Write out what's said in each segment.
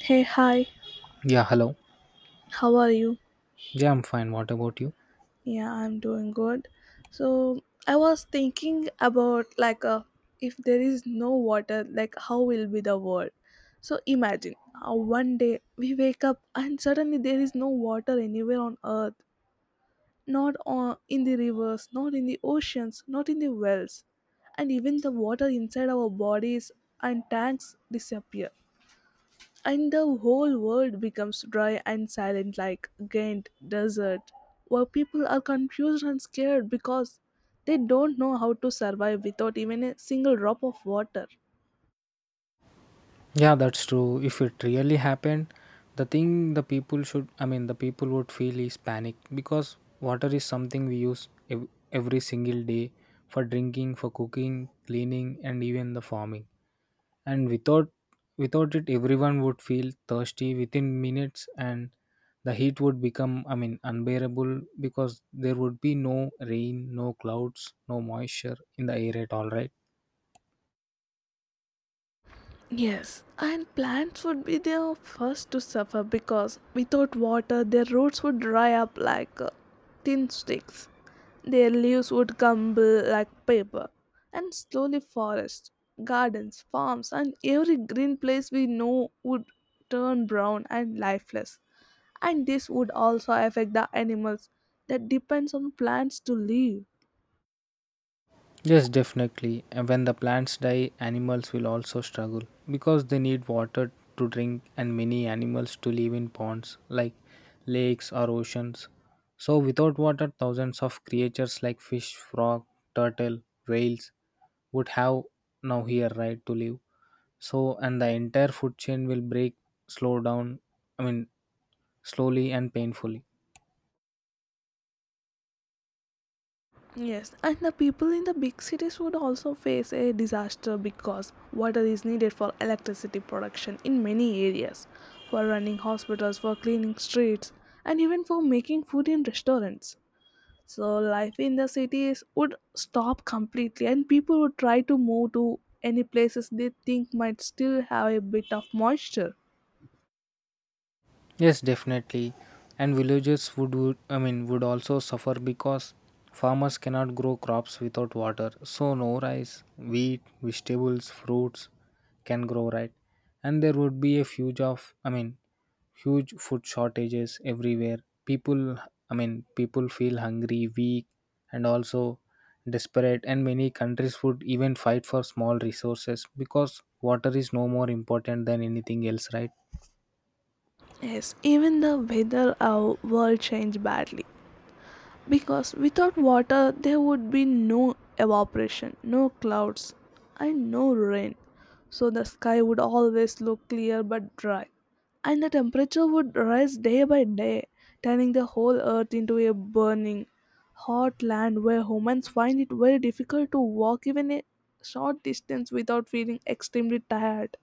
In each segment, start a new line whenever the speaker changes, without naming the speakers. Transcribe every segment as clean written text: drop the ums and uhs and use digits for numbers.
Hey, hi,
Yeah, hello.
how are you?
Yeah, I'm fine. What about you?
Yeah, I'm doing good. So, I was thinking about if there is no water, like how will be the world? So, imagine one day we wake up and suddenly there is no water anywhere on earth, not on, in the rivers, not in the oceans, not in the wells, and even the water inside our bodies and tanks disappear and the whole world becomes dry and silent like Ghent desert, where people are confused and scared because they don't know how to survive without even a single drop of water.
Yeah, that's true. If it really happened, the thing the people should, I mean, the people would feel is panic because water is something we use every single day for drinking, for cooking, cleaning, and even the farming. And without it, everyone would feel thirsty within minutes, and the heat would become, I mean, unbearable because there would be no rain, no clouds, no moisture in the air at all, right?
Yes, and plants would be the first to suffer because without water their roots would dry up like thin sticks. Their leaves would crumble like paper, and slowly forests, gardens, farms, and every green place we know would turn brown and lifeless. And this would also affect the animals that depends on plants to live.
Yes, definitely. And when the plants die, animals will also struggle because they need water to drink and many animals to live in ponds like lakes or oceans. So, without water, thousands of creatures like fish, frog, turtle, whales would have now here right to live. So, and the entire food chain will break, slow down, I mean, slowly and painfully.
Yes, and the people in the big cities would also face a disaster because water is needed for electricity production in many areas, for running hospitals, for cleaning streets, and even for making food in restaurants. So, life in the cities would stop completely, and people would try to move to any places they think might still have a bit of moisture.
Yes, definitely. And villages would, I mean, would also suffer because farmers cannot grow crops without water. So no rice, wheat, vegetables, fruits can grow, right. And there would be a huge of I mean, huge food shortages everywhere. People I mean, people feel hungry, weak and also desperate, and many countries would even fight for small resources because water is no more important than anything else, right?
Yes, even the weather our world changed badly, because without water there would be no evaporation, no clouds, and no rain. So the sky would always look clear but dry, and the temperature would rise day by day, turning the whole earth into a burning, hot land where humans find it very difficult to walk even a short distance without feeling extremely tired.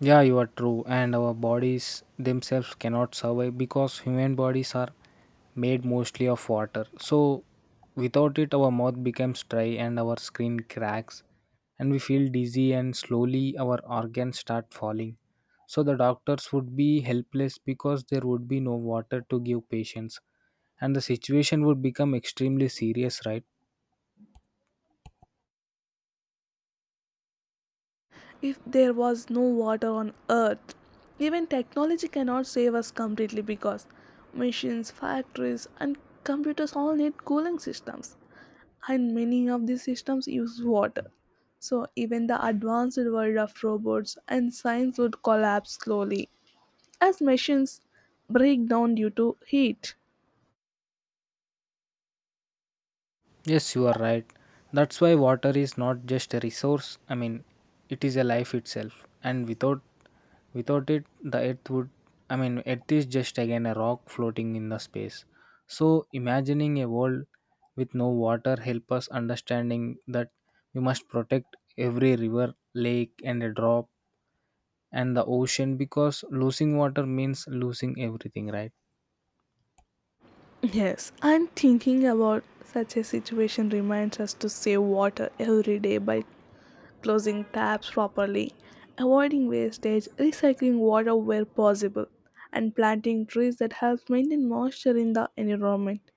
Yeah, you are true. And our bodies themselves cannot survive because human bodies are made mostly of water. So, without it, our mouth becomes dry and our skin cracks, and we feel dizzy, and slowly our organs start falling. So, the doctors would be helpless because there would be no water to give patients, and the situation would become extremely serious, right?
If there was no water on earth, even technology cannot save us completely because machines, factories, and computers all need cooling systems, and many of these systems use water, so even the advanced world of robots and science would collapse slowly as machines break down due to heat.
Yes, you are right. That's why water is not just a resource. I mean, it is a life itself. And without it, the earth would, I mean, earth is just again a rock floating in the space. So, imagining a world with no water help us understanding that we must protect every river, lake and a drop and the ocean because losing water means losing everything, right?
Yes, and thinking about such a situation reminds us to save water every day by closing taps properly, avoiding wastage, recycling water where possible, and planting trees that help maintain moisture in the environment.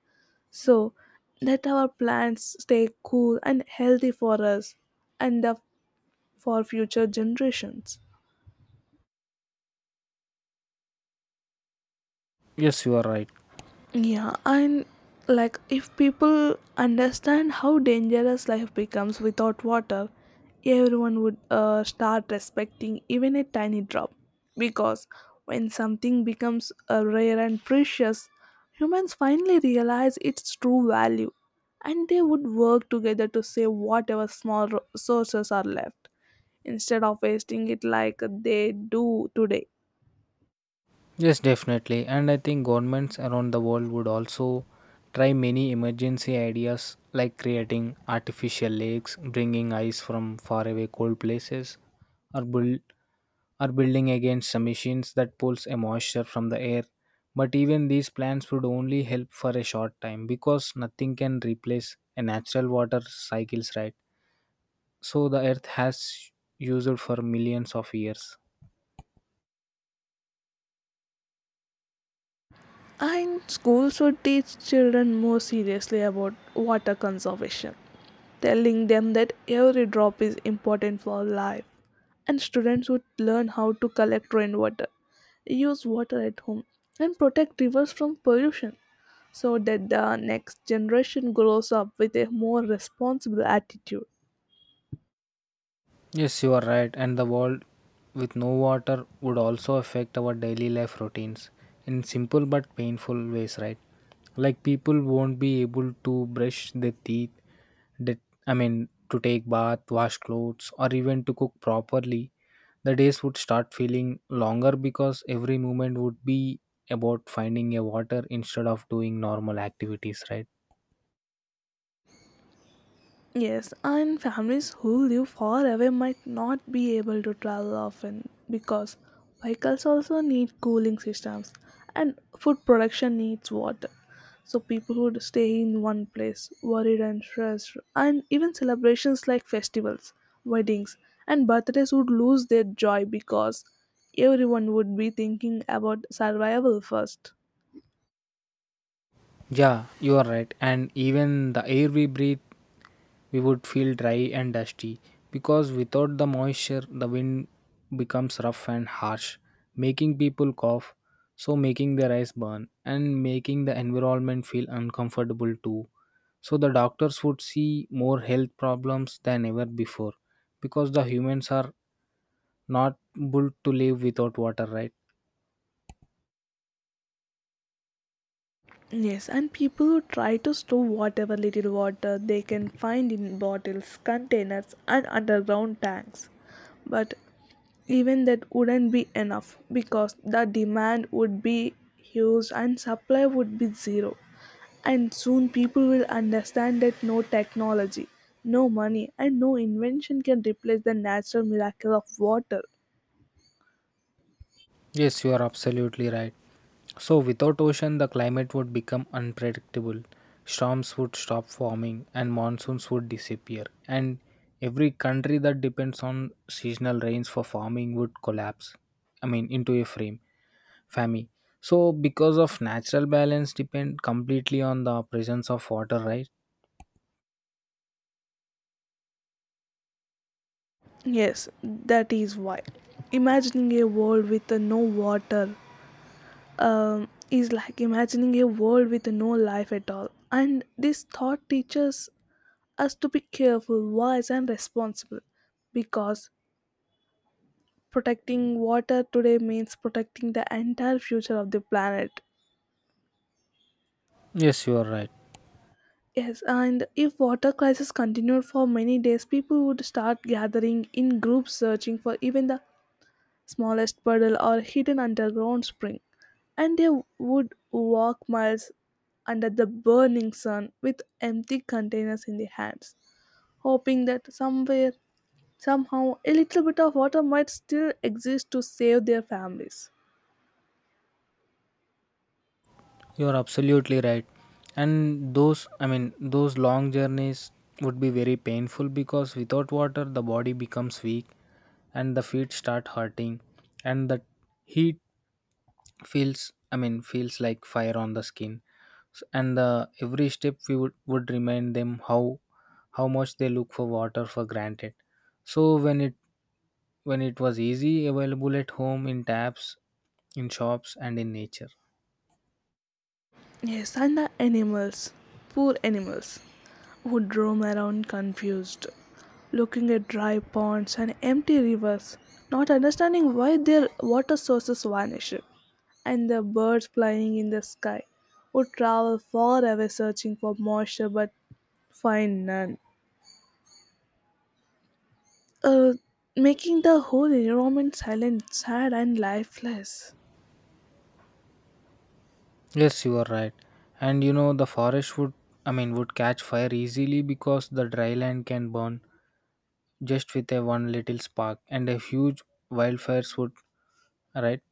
So that our plants stay cool and healthy for us and for future generations.
Yes, you are right.
Yeah, and like if people understand how dangerous life becomes without water, everyone would start respecting even a tiny drop. Because when something becomes rare and precious, humans finally realize its true value and they would work together to save whatever small sources are left instead of wasting it like they do today.
Yes, definitely. And I think governments around the world would also try many emergency ideas like creating artificial lakes, bringing ice from faraway cold places, or build or building against some machines that pulls a moisture from the air. But even these plans would only help for a short time because nothing can replace a natural water cycles, right? So the earth has used for millions of years.
And schools should teach children more seriously about water conservation, telling them that every drop is important for life. And students would learn how to collect rainwater, use water at home, and protect rivers from pollution so that the next generation grows up with a more responsible attitude.
Yes, you are right, and the world with no water would also affect our daily life routines in simple but painful ways, right? Like people won't be able to brush their teeth, that I mean, to take bath, wash clothes, or even to cook properly. The days would start feeling longer because every moment would be about finding a water instead of doing normal activities, right?
Yes, and families who live far away might not be able to travel often because vehicles also need cooling systems and food production needs water. So people would stay in one place, worried and stressed, and even celebrations like festivals, weddings, and birthdays would lose their joy because everyone would be thinking about survival first.
Yeah, you are right. And even the air we breathe, we would feel dry and dusty because without the moisture, the wind becomes rough and harsh, making people cough, so making their eyes burn and making the environment feel uncomfortable too. So the doctors would see more health problems than ever before because the humans are not able to live without water, right?
Yes, and people who try to store whatever little water they can find in bottles, containers, and underground tanks. But even that wouldn't be enough because the demand would be huge and supply would be zero. And soon people will understand that no technology, no money, and no invention can replace the natural miracle of water.
Yes, you are absolutely right. So, without ocean, the climate would become unpredictable. Storms would stop forming and monsoons would disappear. And every country that depends on seasonal rains for farming would collapse. I mean, into a frame, famine. So, because of natural balance, depend completely on the presence of water, right?
Yes, that is why. Imagining a world with no water is like imagining a world with no life at all. And this thought teaches us to be careful, wise, and responsible because protecting water today means protecting the entire future of the planet.
Yes, you are right.
Yes, and if water crisis continued for many days, people would start gathering in groups searching for even the smallest puddle or hidden underground spring, and they would walk miles under the burning sun with empty containers in their hands, hoping that somewhere, somehow, a little bit of water might still exist to save their families.
You are absolutely right. And I mean, those long journeys would be very painful because without water, the body becomes weak and the feet start hurting, and the heat I mean, feels like fire on the skin. And the every step we would remind them how much they look for water for granted. So when it was easy available at home in taps, in shops, and in nature.
Yes, and the animals, poor animals, would roam around confused, looking at dry ponds and empty rivers, not understanding why their water sources vanish, and the birds flying in the sky would travel far away searching for moisture but find none, uh, making the whole environment silent, sad, and lifeless.
Yes, you are right. And the forest I mean, would catch fire easily because the dry land can burn just with a one little spark, and a huge wildfires right,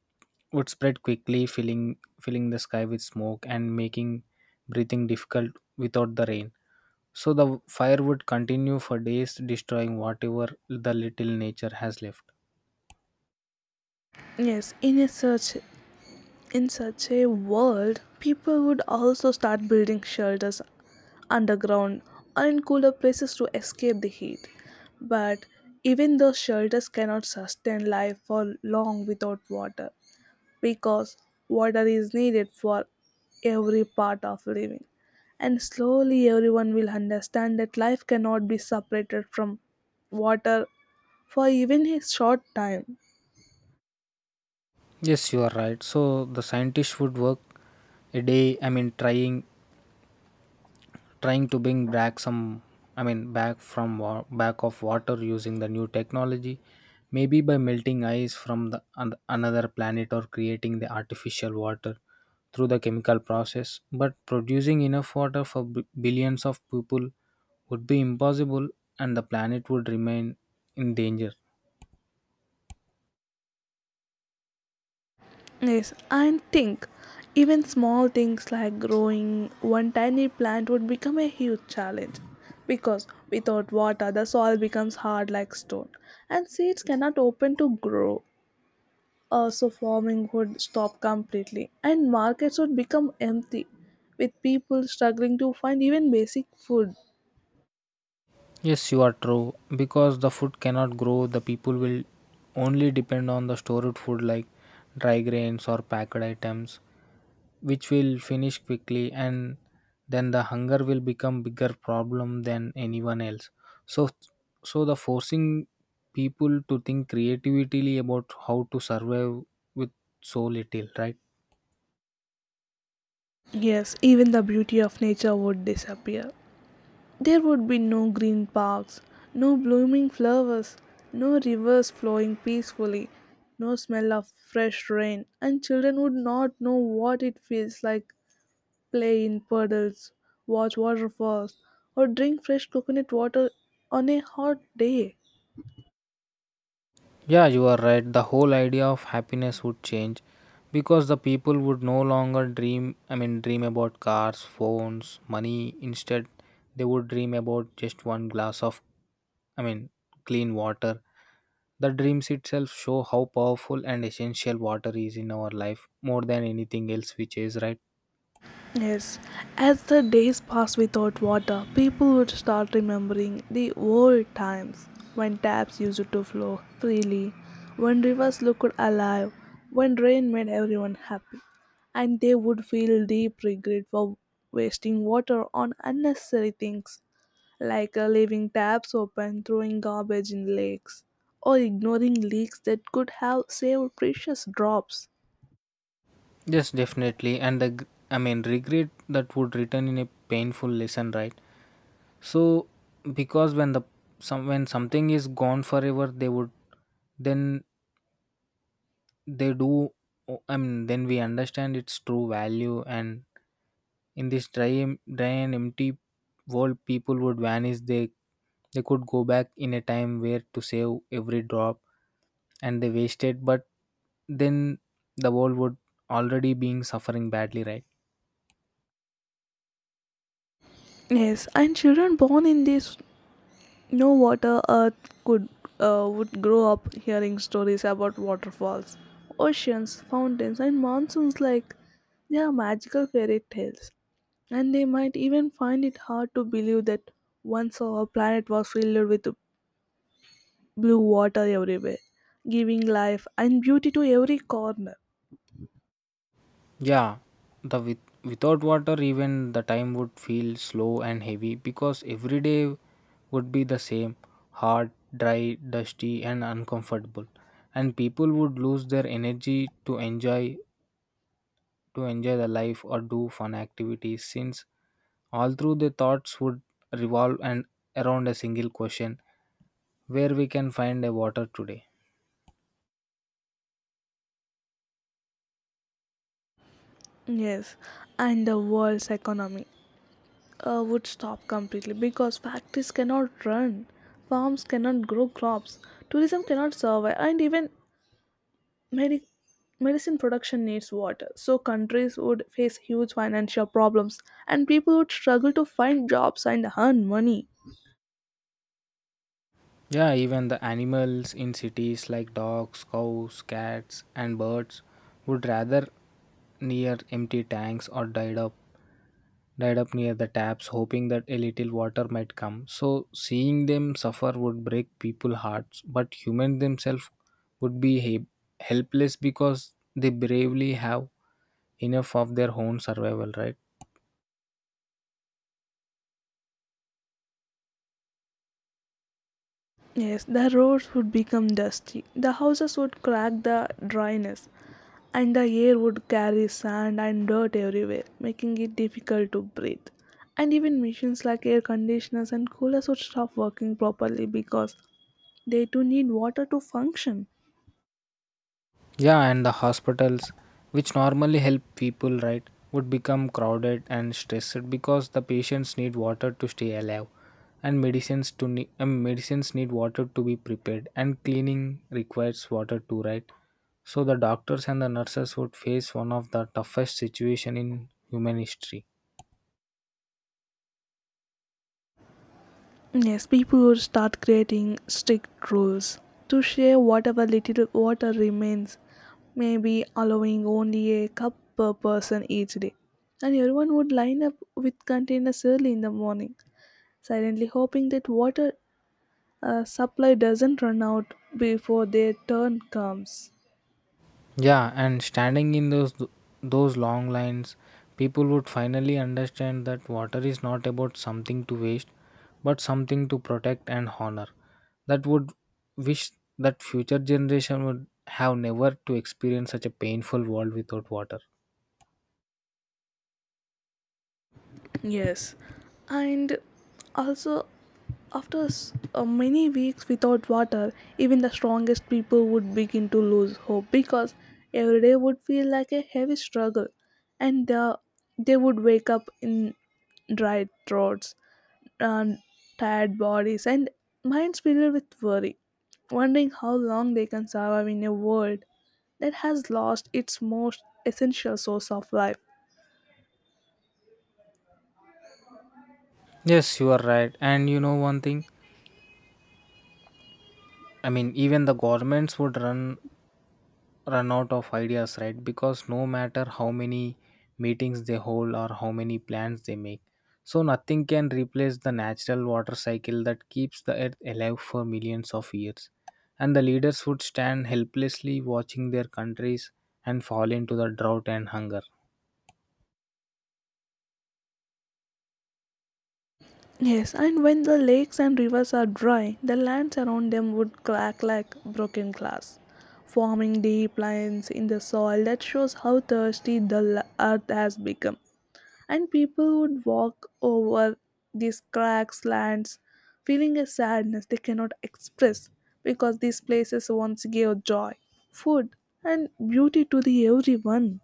would spread quickly, filling the sky with smoke and making breathing difficult without the rain. So the fire would continue for days, destroying whatever the little nature has left.
Yes, in a search In such a world, people would also start building shelters underground or in cooler places to escape the heat. But even those shelters cannot sustain life for long without water because water is needed for every part of living. And slowly everyone will understand that life cannot be separated from water for even a short time.
Yes, you are right. So the scientists would work I mean, trying to bring back some I mean back of water using the new technology maybe by melting ice from another planet or creating the artificial water through the chemical process but producing enough water for billions of people would be impossible and the planet would remain in danger.
Yes, and think, even small things like growing one tiny plant would become a huge challenge because without water the soil becomes hard like stone and seeds cannot open to grow. So farming would stop completely and markets would become empty with people struggling to find even basic food.
Yes, you are true. Because the food cannot grow, the people will only depend on the stored food like dry grains or packed items, which will finish quickly, and then the hunger will become bigger problem than anyone else. So, so, the forcing people to think creatively about how to survive with so little, right?
Yes, even the beauty of nature would disappear. There would be no green parks, no blooming flowers, no rivers flowing peacefully, no smell of fresh rain, and children would not know what it feels like play in puddles, watch waterfalls, or drink fresh coconut water on a hot day.
Yeah, you are right. The whole idea of happiness would change because the people would no longer I mean, dream about cars, phones, money. Instead, they would dream about just one glass of, I mean, clean water. The dreams itself show how powerful and essential water is in our life more than anything else, which is right.
Yes, as the days passed without water, people would start remembering the old times when taps used to flow freely, when rivers looked alive, when rain made everyone happy, and they would feel deep regret for wasting water on unnecessary things like leaving taps open, throwing garbage in lakes, or ignoring leaks that could have saved precious drops.
Yes, definitely. And I mean, regret that would return in a painful lesson, right? So because when something is gone forever, they would then they do. Oh, I mean, then we understand its true value. And in this dry and empty world, people would vanish. They could go back in a time where to save every drop, and they wasted. But then the world would already being suffering badly, right?
Yes, and children born in these No water earth could would grow up hearing stories about waterfalls, oceans, fountains and monsoons like they are magical fairy tales. And they might even find it hard to believe that once our planet was filled with blue water everywhere, giving life and beauty to every corner.
Yeah, the with without water even the time would feel slow and heavy because every day would be the same, hard, dry, dusty and uncomfortable. And people would lose their energy to enjoy the life or do fun activities since all through the thoughts would revolve and around a single question where we can find a water today.
Yes, and the world's economy would stop completely because factories cannot run, farms cannot grow crops, tourism cannot survive, and even medi- medicine production needs water. So, countries would face huge financial problems, and people would struggle to find jobs and earn money.
Yeah, even the animals in cities like dogs, cows, cats, and birds would rather near empty tanks or died up near the taps hoping that a little water might come, so seeing them suffer would break people's hearts but humans themselves would be helpless because they bravely have enough of their own survival, right.
Yes, the roads would become dusty, the houses would crack the dryness, and the air would carry sand and dirt everywhere, making it difficult to breathe. And even machines like air conditioners and coolers would stop working properly because they too need water to function.
Yeah, and the hospitals, which normally help people, right, would become crowded and stressed because the patients need water to stay alive, and medicines medicines need water to be prepared, and cleaning requires water too, right? So the doctors and the nurses would face one of the toughest situation in human history.
Yes, people would start creating strict rules to share whatever little water remains, maybe allowing only a cup per person each day. And everyone would line up with containers early in the morning, silently hoping that water supply doesn't run out before their turn comes.
Yeah, and standing in those long lines, people would finally understand that water is not about something to waste, but something to protect and honor. That would wish that future generation would have never to experience such a painful world without water.
Yes, and also after many weeks without water, even the strongest people would begin to lose hope because every day would feel like a heavy struggle, and they would wake up in dry throats, and tired bodies, and minds filled with worry, wondering how long they can survive in a world that has lost its most essential source of life.
Yes, you are right. And you know one thing, I mean, even the governments would run out of ideas, right? Because no matter how many meetings they hold or how many plans they make, so nothing can replace the natural water cycle that keeps the earth alive for millions of years. And the leaders would stand helplessly watching their countries and fall into the drought and hunger.
Yes, and when the lakes and rivers are dry, the lands around them would crack like broken glass, forming deep lines in the soil that shows how thirsty the earth has become. And people would walk over these cracks, lands, feeling a sadness they cannot express because these places once gave joy, food, and beauty to the everyone.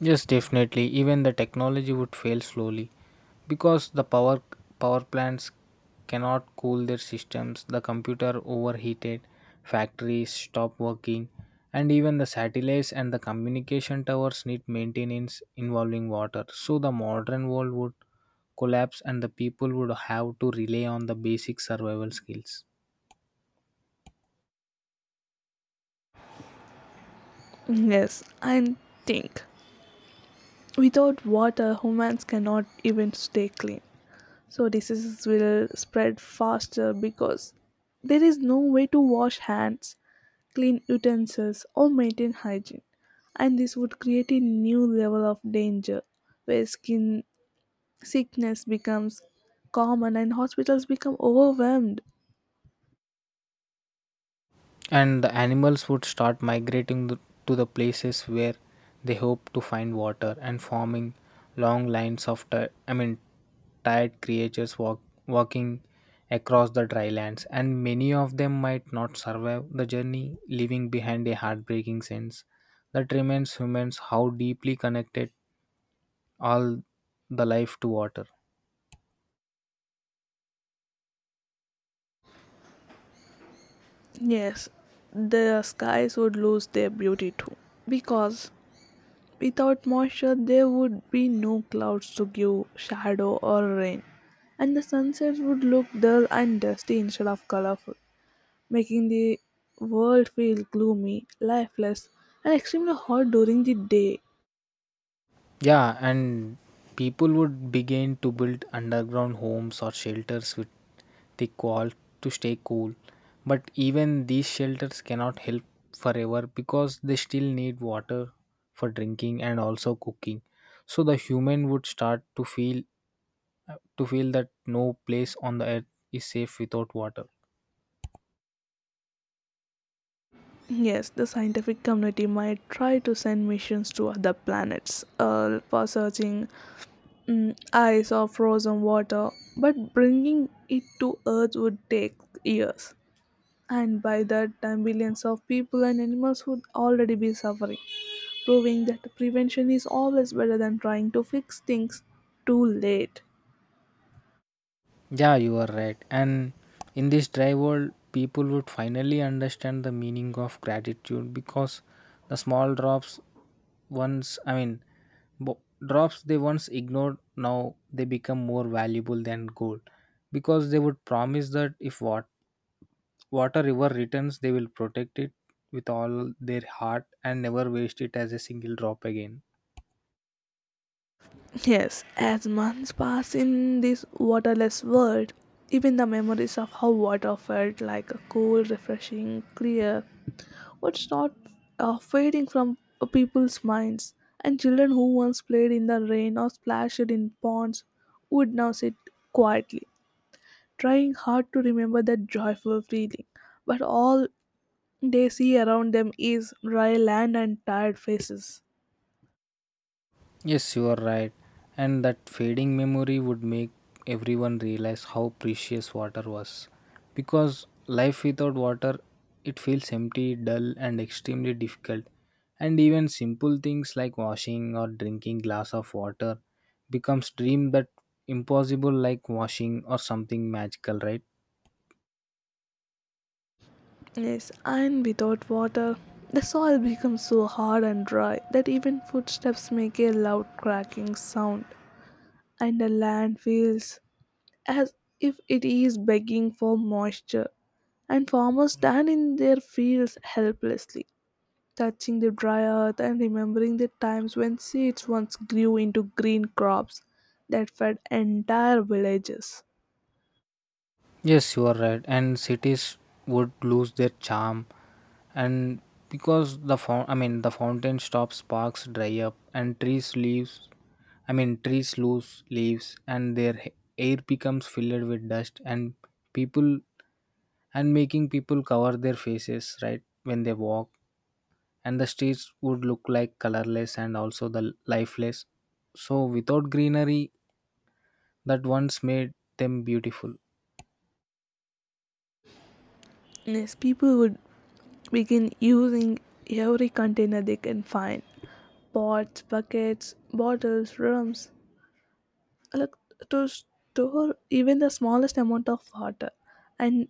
Yes, definitely. Even the technology would fail slowly because the power plants cannot cool their systems. The computer overheated, factories stop working, and even the satellites and the communication towers need maintenance involving water. So the modern world would collapse, and the people would have to rely on the basic survival skills.
Yes, and think, without water, humans cannot even stay clean, so diseases will spread faster because there is no way to wash hands, clean utensils, or maintain hygiene, and this would create a new level of danger where skin sickness becomes common and hospitals become overwhelmed.
And the animals would start migrating to the places where they hope to find water and forming long lines of I mean, tired creatures walking across the dry lands and many of them might not survive the journey leaving behind a heartbreaking sense that reminds humans how deeply connected all the life to water.
Yes, the skies would lose their beauty too, because without moisture, there would be no clouds to give shadow or rain, and the sunsets would look dull and dusty instead of colorful, making the world feel gloomy, lifeless, and extremely hot during the day.
Yeah, and people would begin to build underground homes or shelters with thick walls to stay cool. But even these shelters cannot help forever because they still need water for drinking and also cooking. So the human would start to feel that no place on the earth is safe without water.
Yes, the scientific community might try to send missions to other planets for searching ice or frozen water, but bringing it to Earth would take years, and by that time billions of people and animals would already be suffering, proving that prevention is always better than trying to fix things too late.
Yeah, you are right. And in this dry world, people would finally understand the meaning of gratitude because the small drops once, I mean, bo- drops they once ignored, now they become more valuable than gold because they would promise that if what water river returns, they will protect it with all their heart and never waste it as a single drop again.
Yes, as months pass in this waterless world, even the memories of how water felt, like a cool, refreshing, clear, would start fading from people's minds, and children who once played in the rain or splashed in ponds would now sit quietly trying hard to remember that joyful feeling, but all they see around them is dry land and tired faces.
Yes, you are right. And that fading memory would make everyone realize how precious water was. Because life without water, it feels empty, dull, and extremely difficult. And even simple things like washing or drinking glass of water becomes dream that impossible like washing or something magical, right?
Yes, and without water, the soil becomes so hard and dry that even footsteps make a loud cracking sound, and the land feels as if it is begging for moisture, and farmers stand in their fields helplessly, touching the dry earth and remembering the times when seeds once grew into green crops that fed entire villages.
Yes, you are right. And cities would lose their charm, and because I mean, the fountain stops, parks dry up, and trees leaves. I mean, trees lose leaves, and their air becomes filled with dust, people and making people cover their faces, right, when they walk, and the streets would look like colorless and also the lifeless. So, without greenery, that once made them beautiful.
Yes, people would begin using every container they can find, pots, buckets, bottles, drums, like, to store even the smallest amount of water, and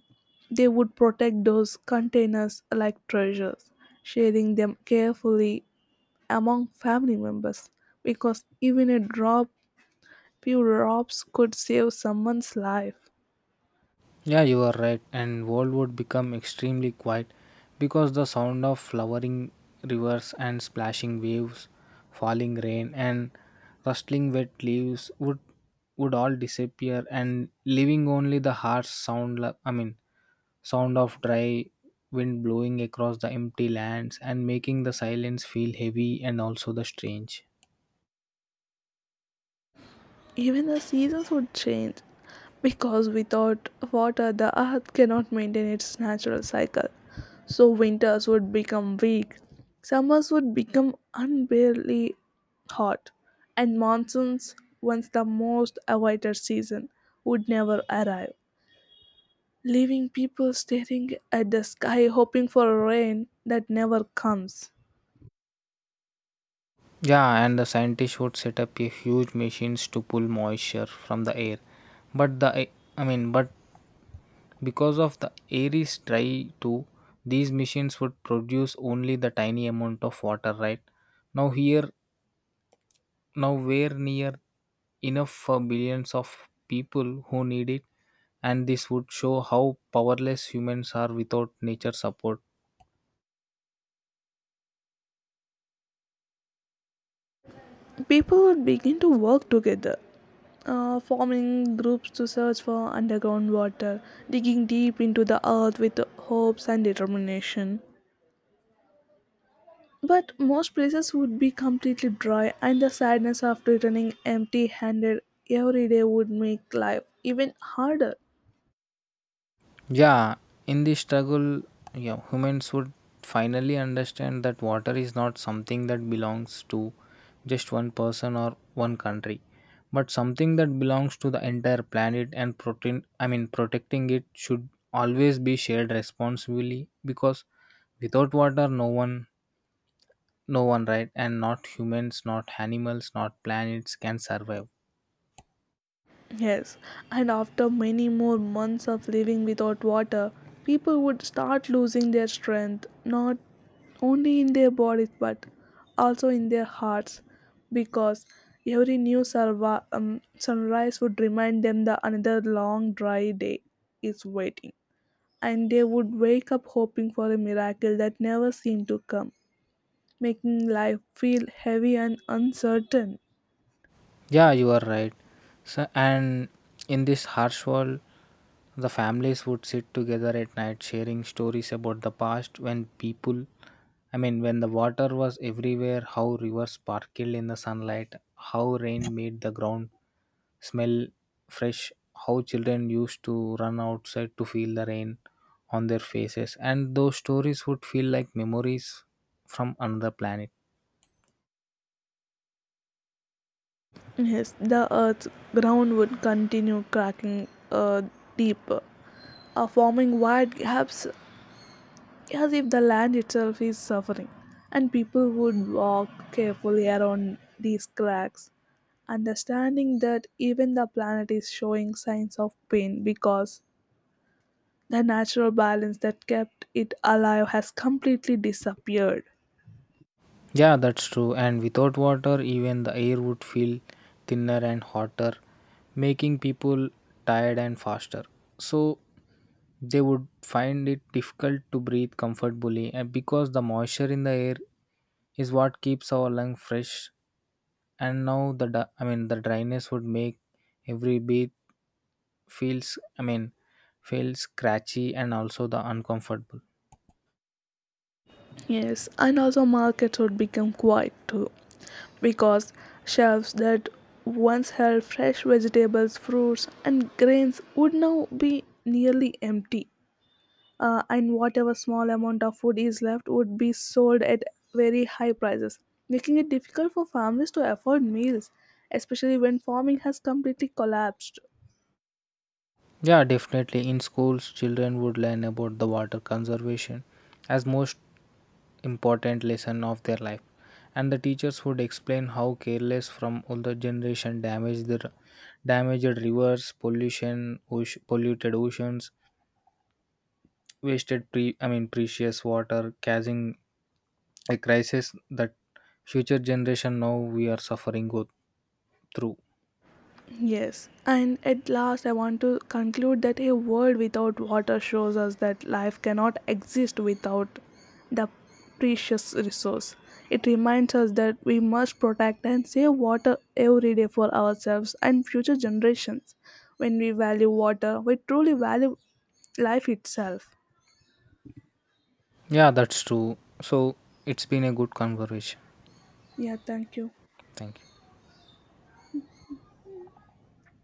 they would protect those containers like treasures, sharing them carefully among family members because even a drop, few drops, could save someone's life.
Yeah, you are right. And world would become extremely quiet because the sound of flowering rivers and splashing waves, falling rain and rustling wet leaves would all disappear and leaving only the harsh I mean, sound of dry wind blowing across the empty lands and making the silence feel heavy and also the strange.
Even the seasons would change because without water the earth cannot maintain its natural cycle. So winters would become weak, summers would become unbearably hot, and monsoons, once the most awaited season, would never arrive, leaving people staring at the sky hoping for rain that never comes.
Yeah, and the scientists would set up a huge machines to pull moisture from the air. But the I mean, but because of the Aries Tri 2, these machines would produce only the tiny amount of water, right? Now, here, now we're near enough for billions of people who need it, and this would show how powerless humans are without nature support.
People would begin to work together, forming groups to search for underground water, digging deep into the earth with hopes and determination. But most places would be completely dry, and the sadness of returning empty handed every day would make life even harder.
Yeah, in this struggle, yeah, humans would finally understand that water is not something that belongs to just one person or one country, but something that belongs to the entire planet and protein I mean, protecting it should always be shared responsibly because without water no one, right, and not humans, not animals, not planets can survive.
Yes, and after many more months of living without water, people would start losing their strength, not only in their bodies but also in their hearts, because every new sunrise would remind them that another long dry day is waiting. And they would wake up hoping for a miracle that never seemed to come, making life feel heavy and uncertain.
Yeah, you are right. So and in this harsh world the families would sit together at night sharing stories about the past I mean, when the water was everywhere, how rivers sparkled in the sunlight, how rain made the ground smell fresh, how children used to run outside to feel the rain on their faces, and those stories would feel like memories from another planet.
Yes, the earth's ground would continue cracking deeper, forming wide gaps as if the land itself is suffering. And people would walk carefully around these cracks, understanding that even the planet is showing signs of pain because the natural balance that kept it alive has completely disappeared.
Yeah, that's true. And without water, even the air would feel thinner and hotter, making people tired and faster. So they would find it difficult to breathe comfortably, and because the moisture in the air is what keeps our lung fresh. And now the I mean, the dryness would make every breath feels I mean feels scratchy and also the uncomfortable.
Yes, and also markets would become quiet too, because shelves that once held fresh vegetables, fruits, and grains would now be nearly empty, and whatever small amount of food is left would be sold at very high prices, making it difficult for families to afford meals, especially when farming has completely collapsed.
Yeah, definitely. In schools, children would learn about the water conservation as most important lesson of their life, and the teachers would explain how careless from older generation damaged rivers, pollution, polluted oceans, wasted pre I mean, precious water, causing a crisis that future generation now we are suffering go through.
Yes, and at last, I want to conclude that a world without water shows us that life cannot exist without the precious resource. It reminds us that we must protect and save water every day for ourselves and future generations. When we value water, we truly value life itself.
Yeah, that's true. So it's been a good conversation.
Yeah, thank you.
Thank you.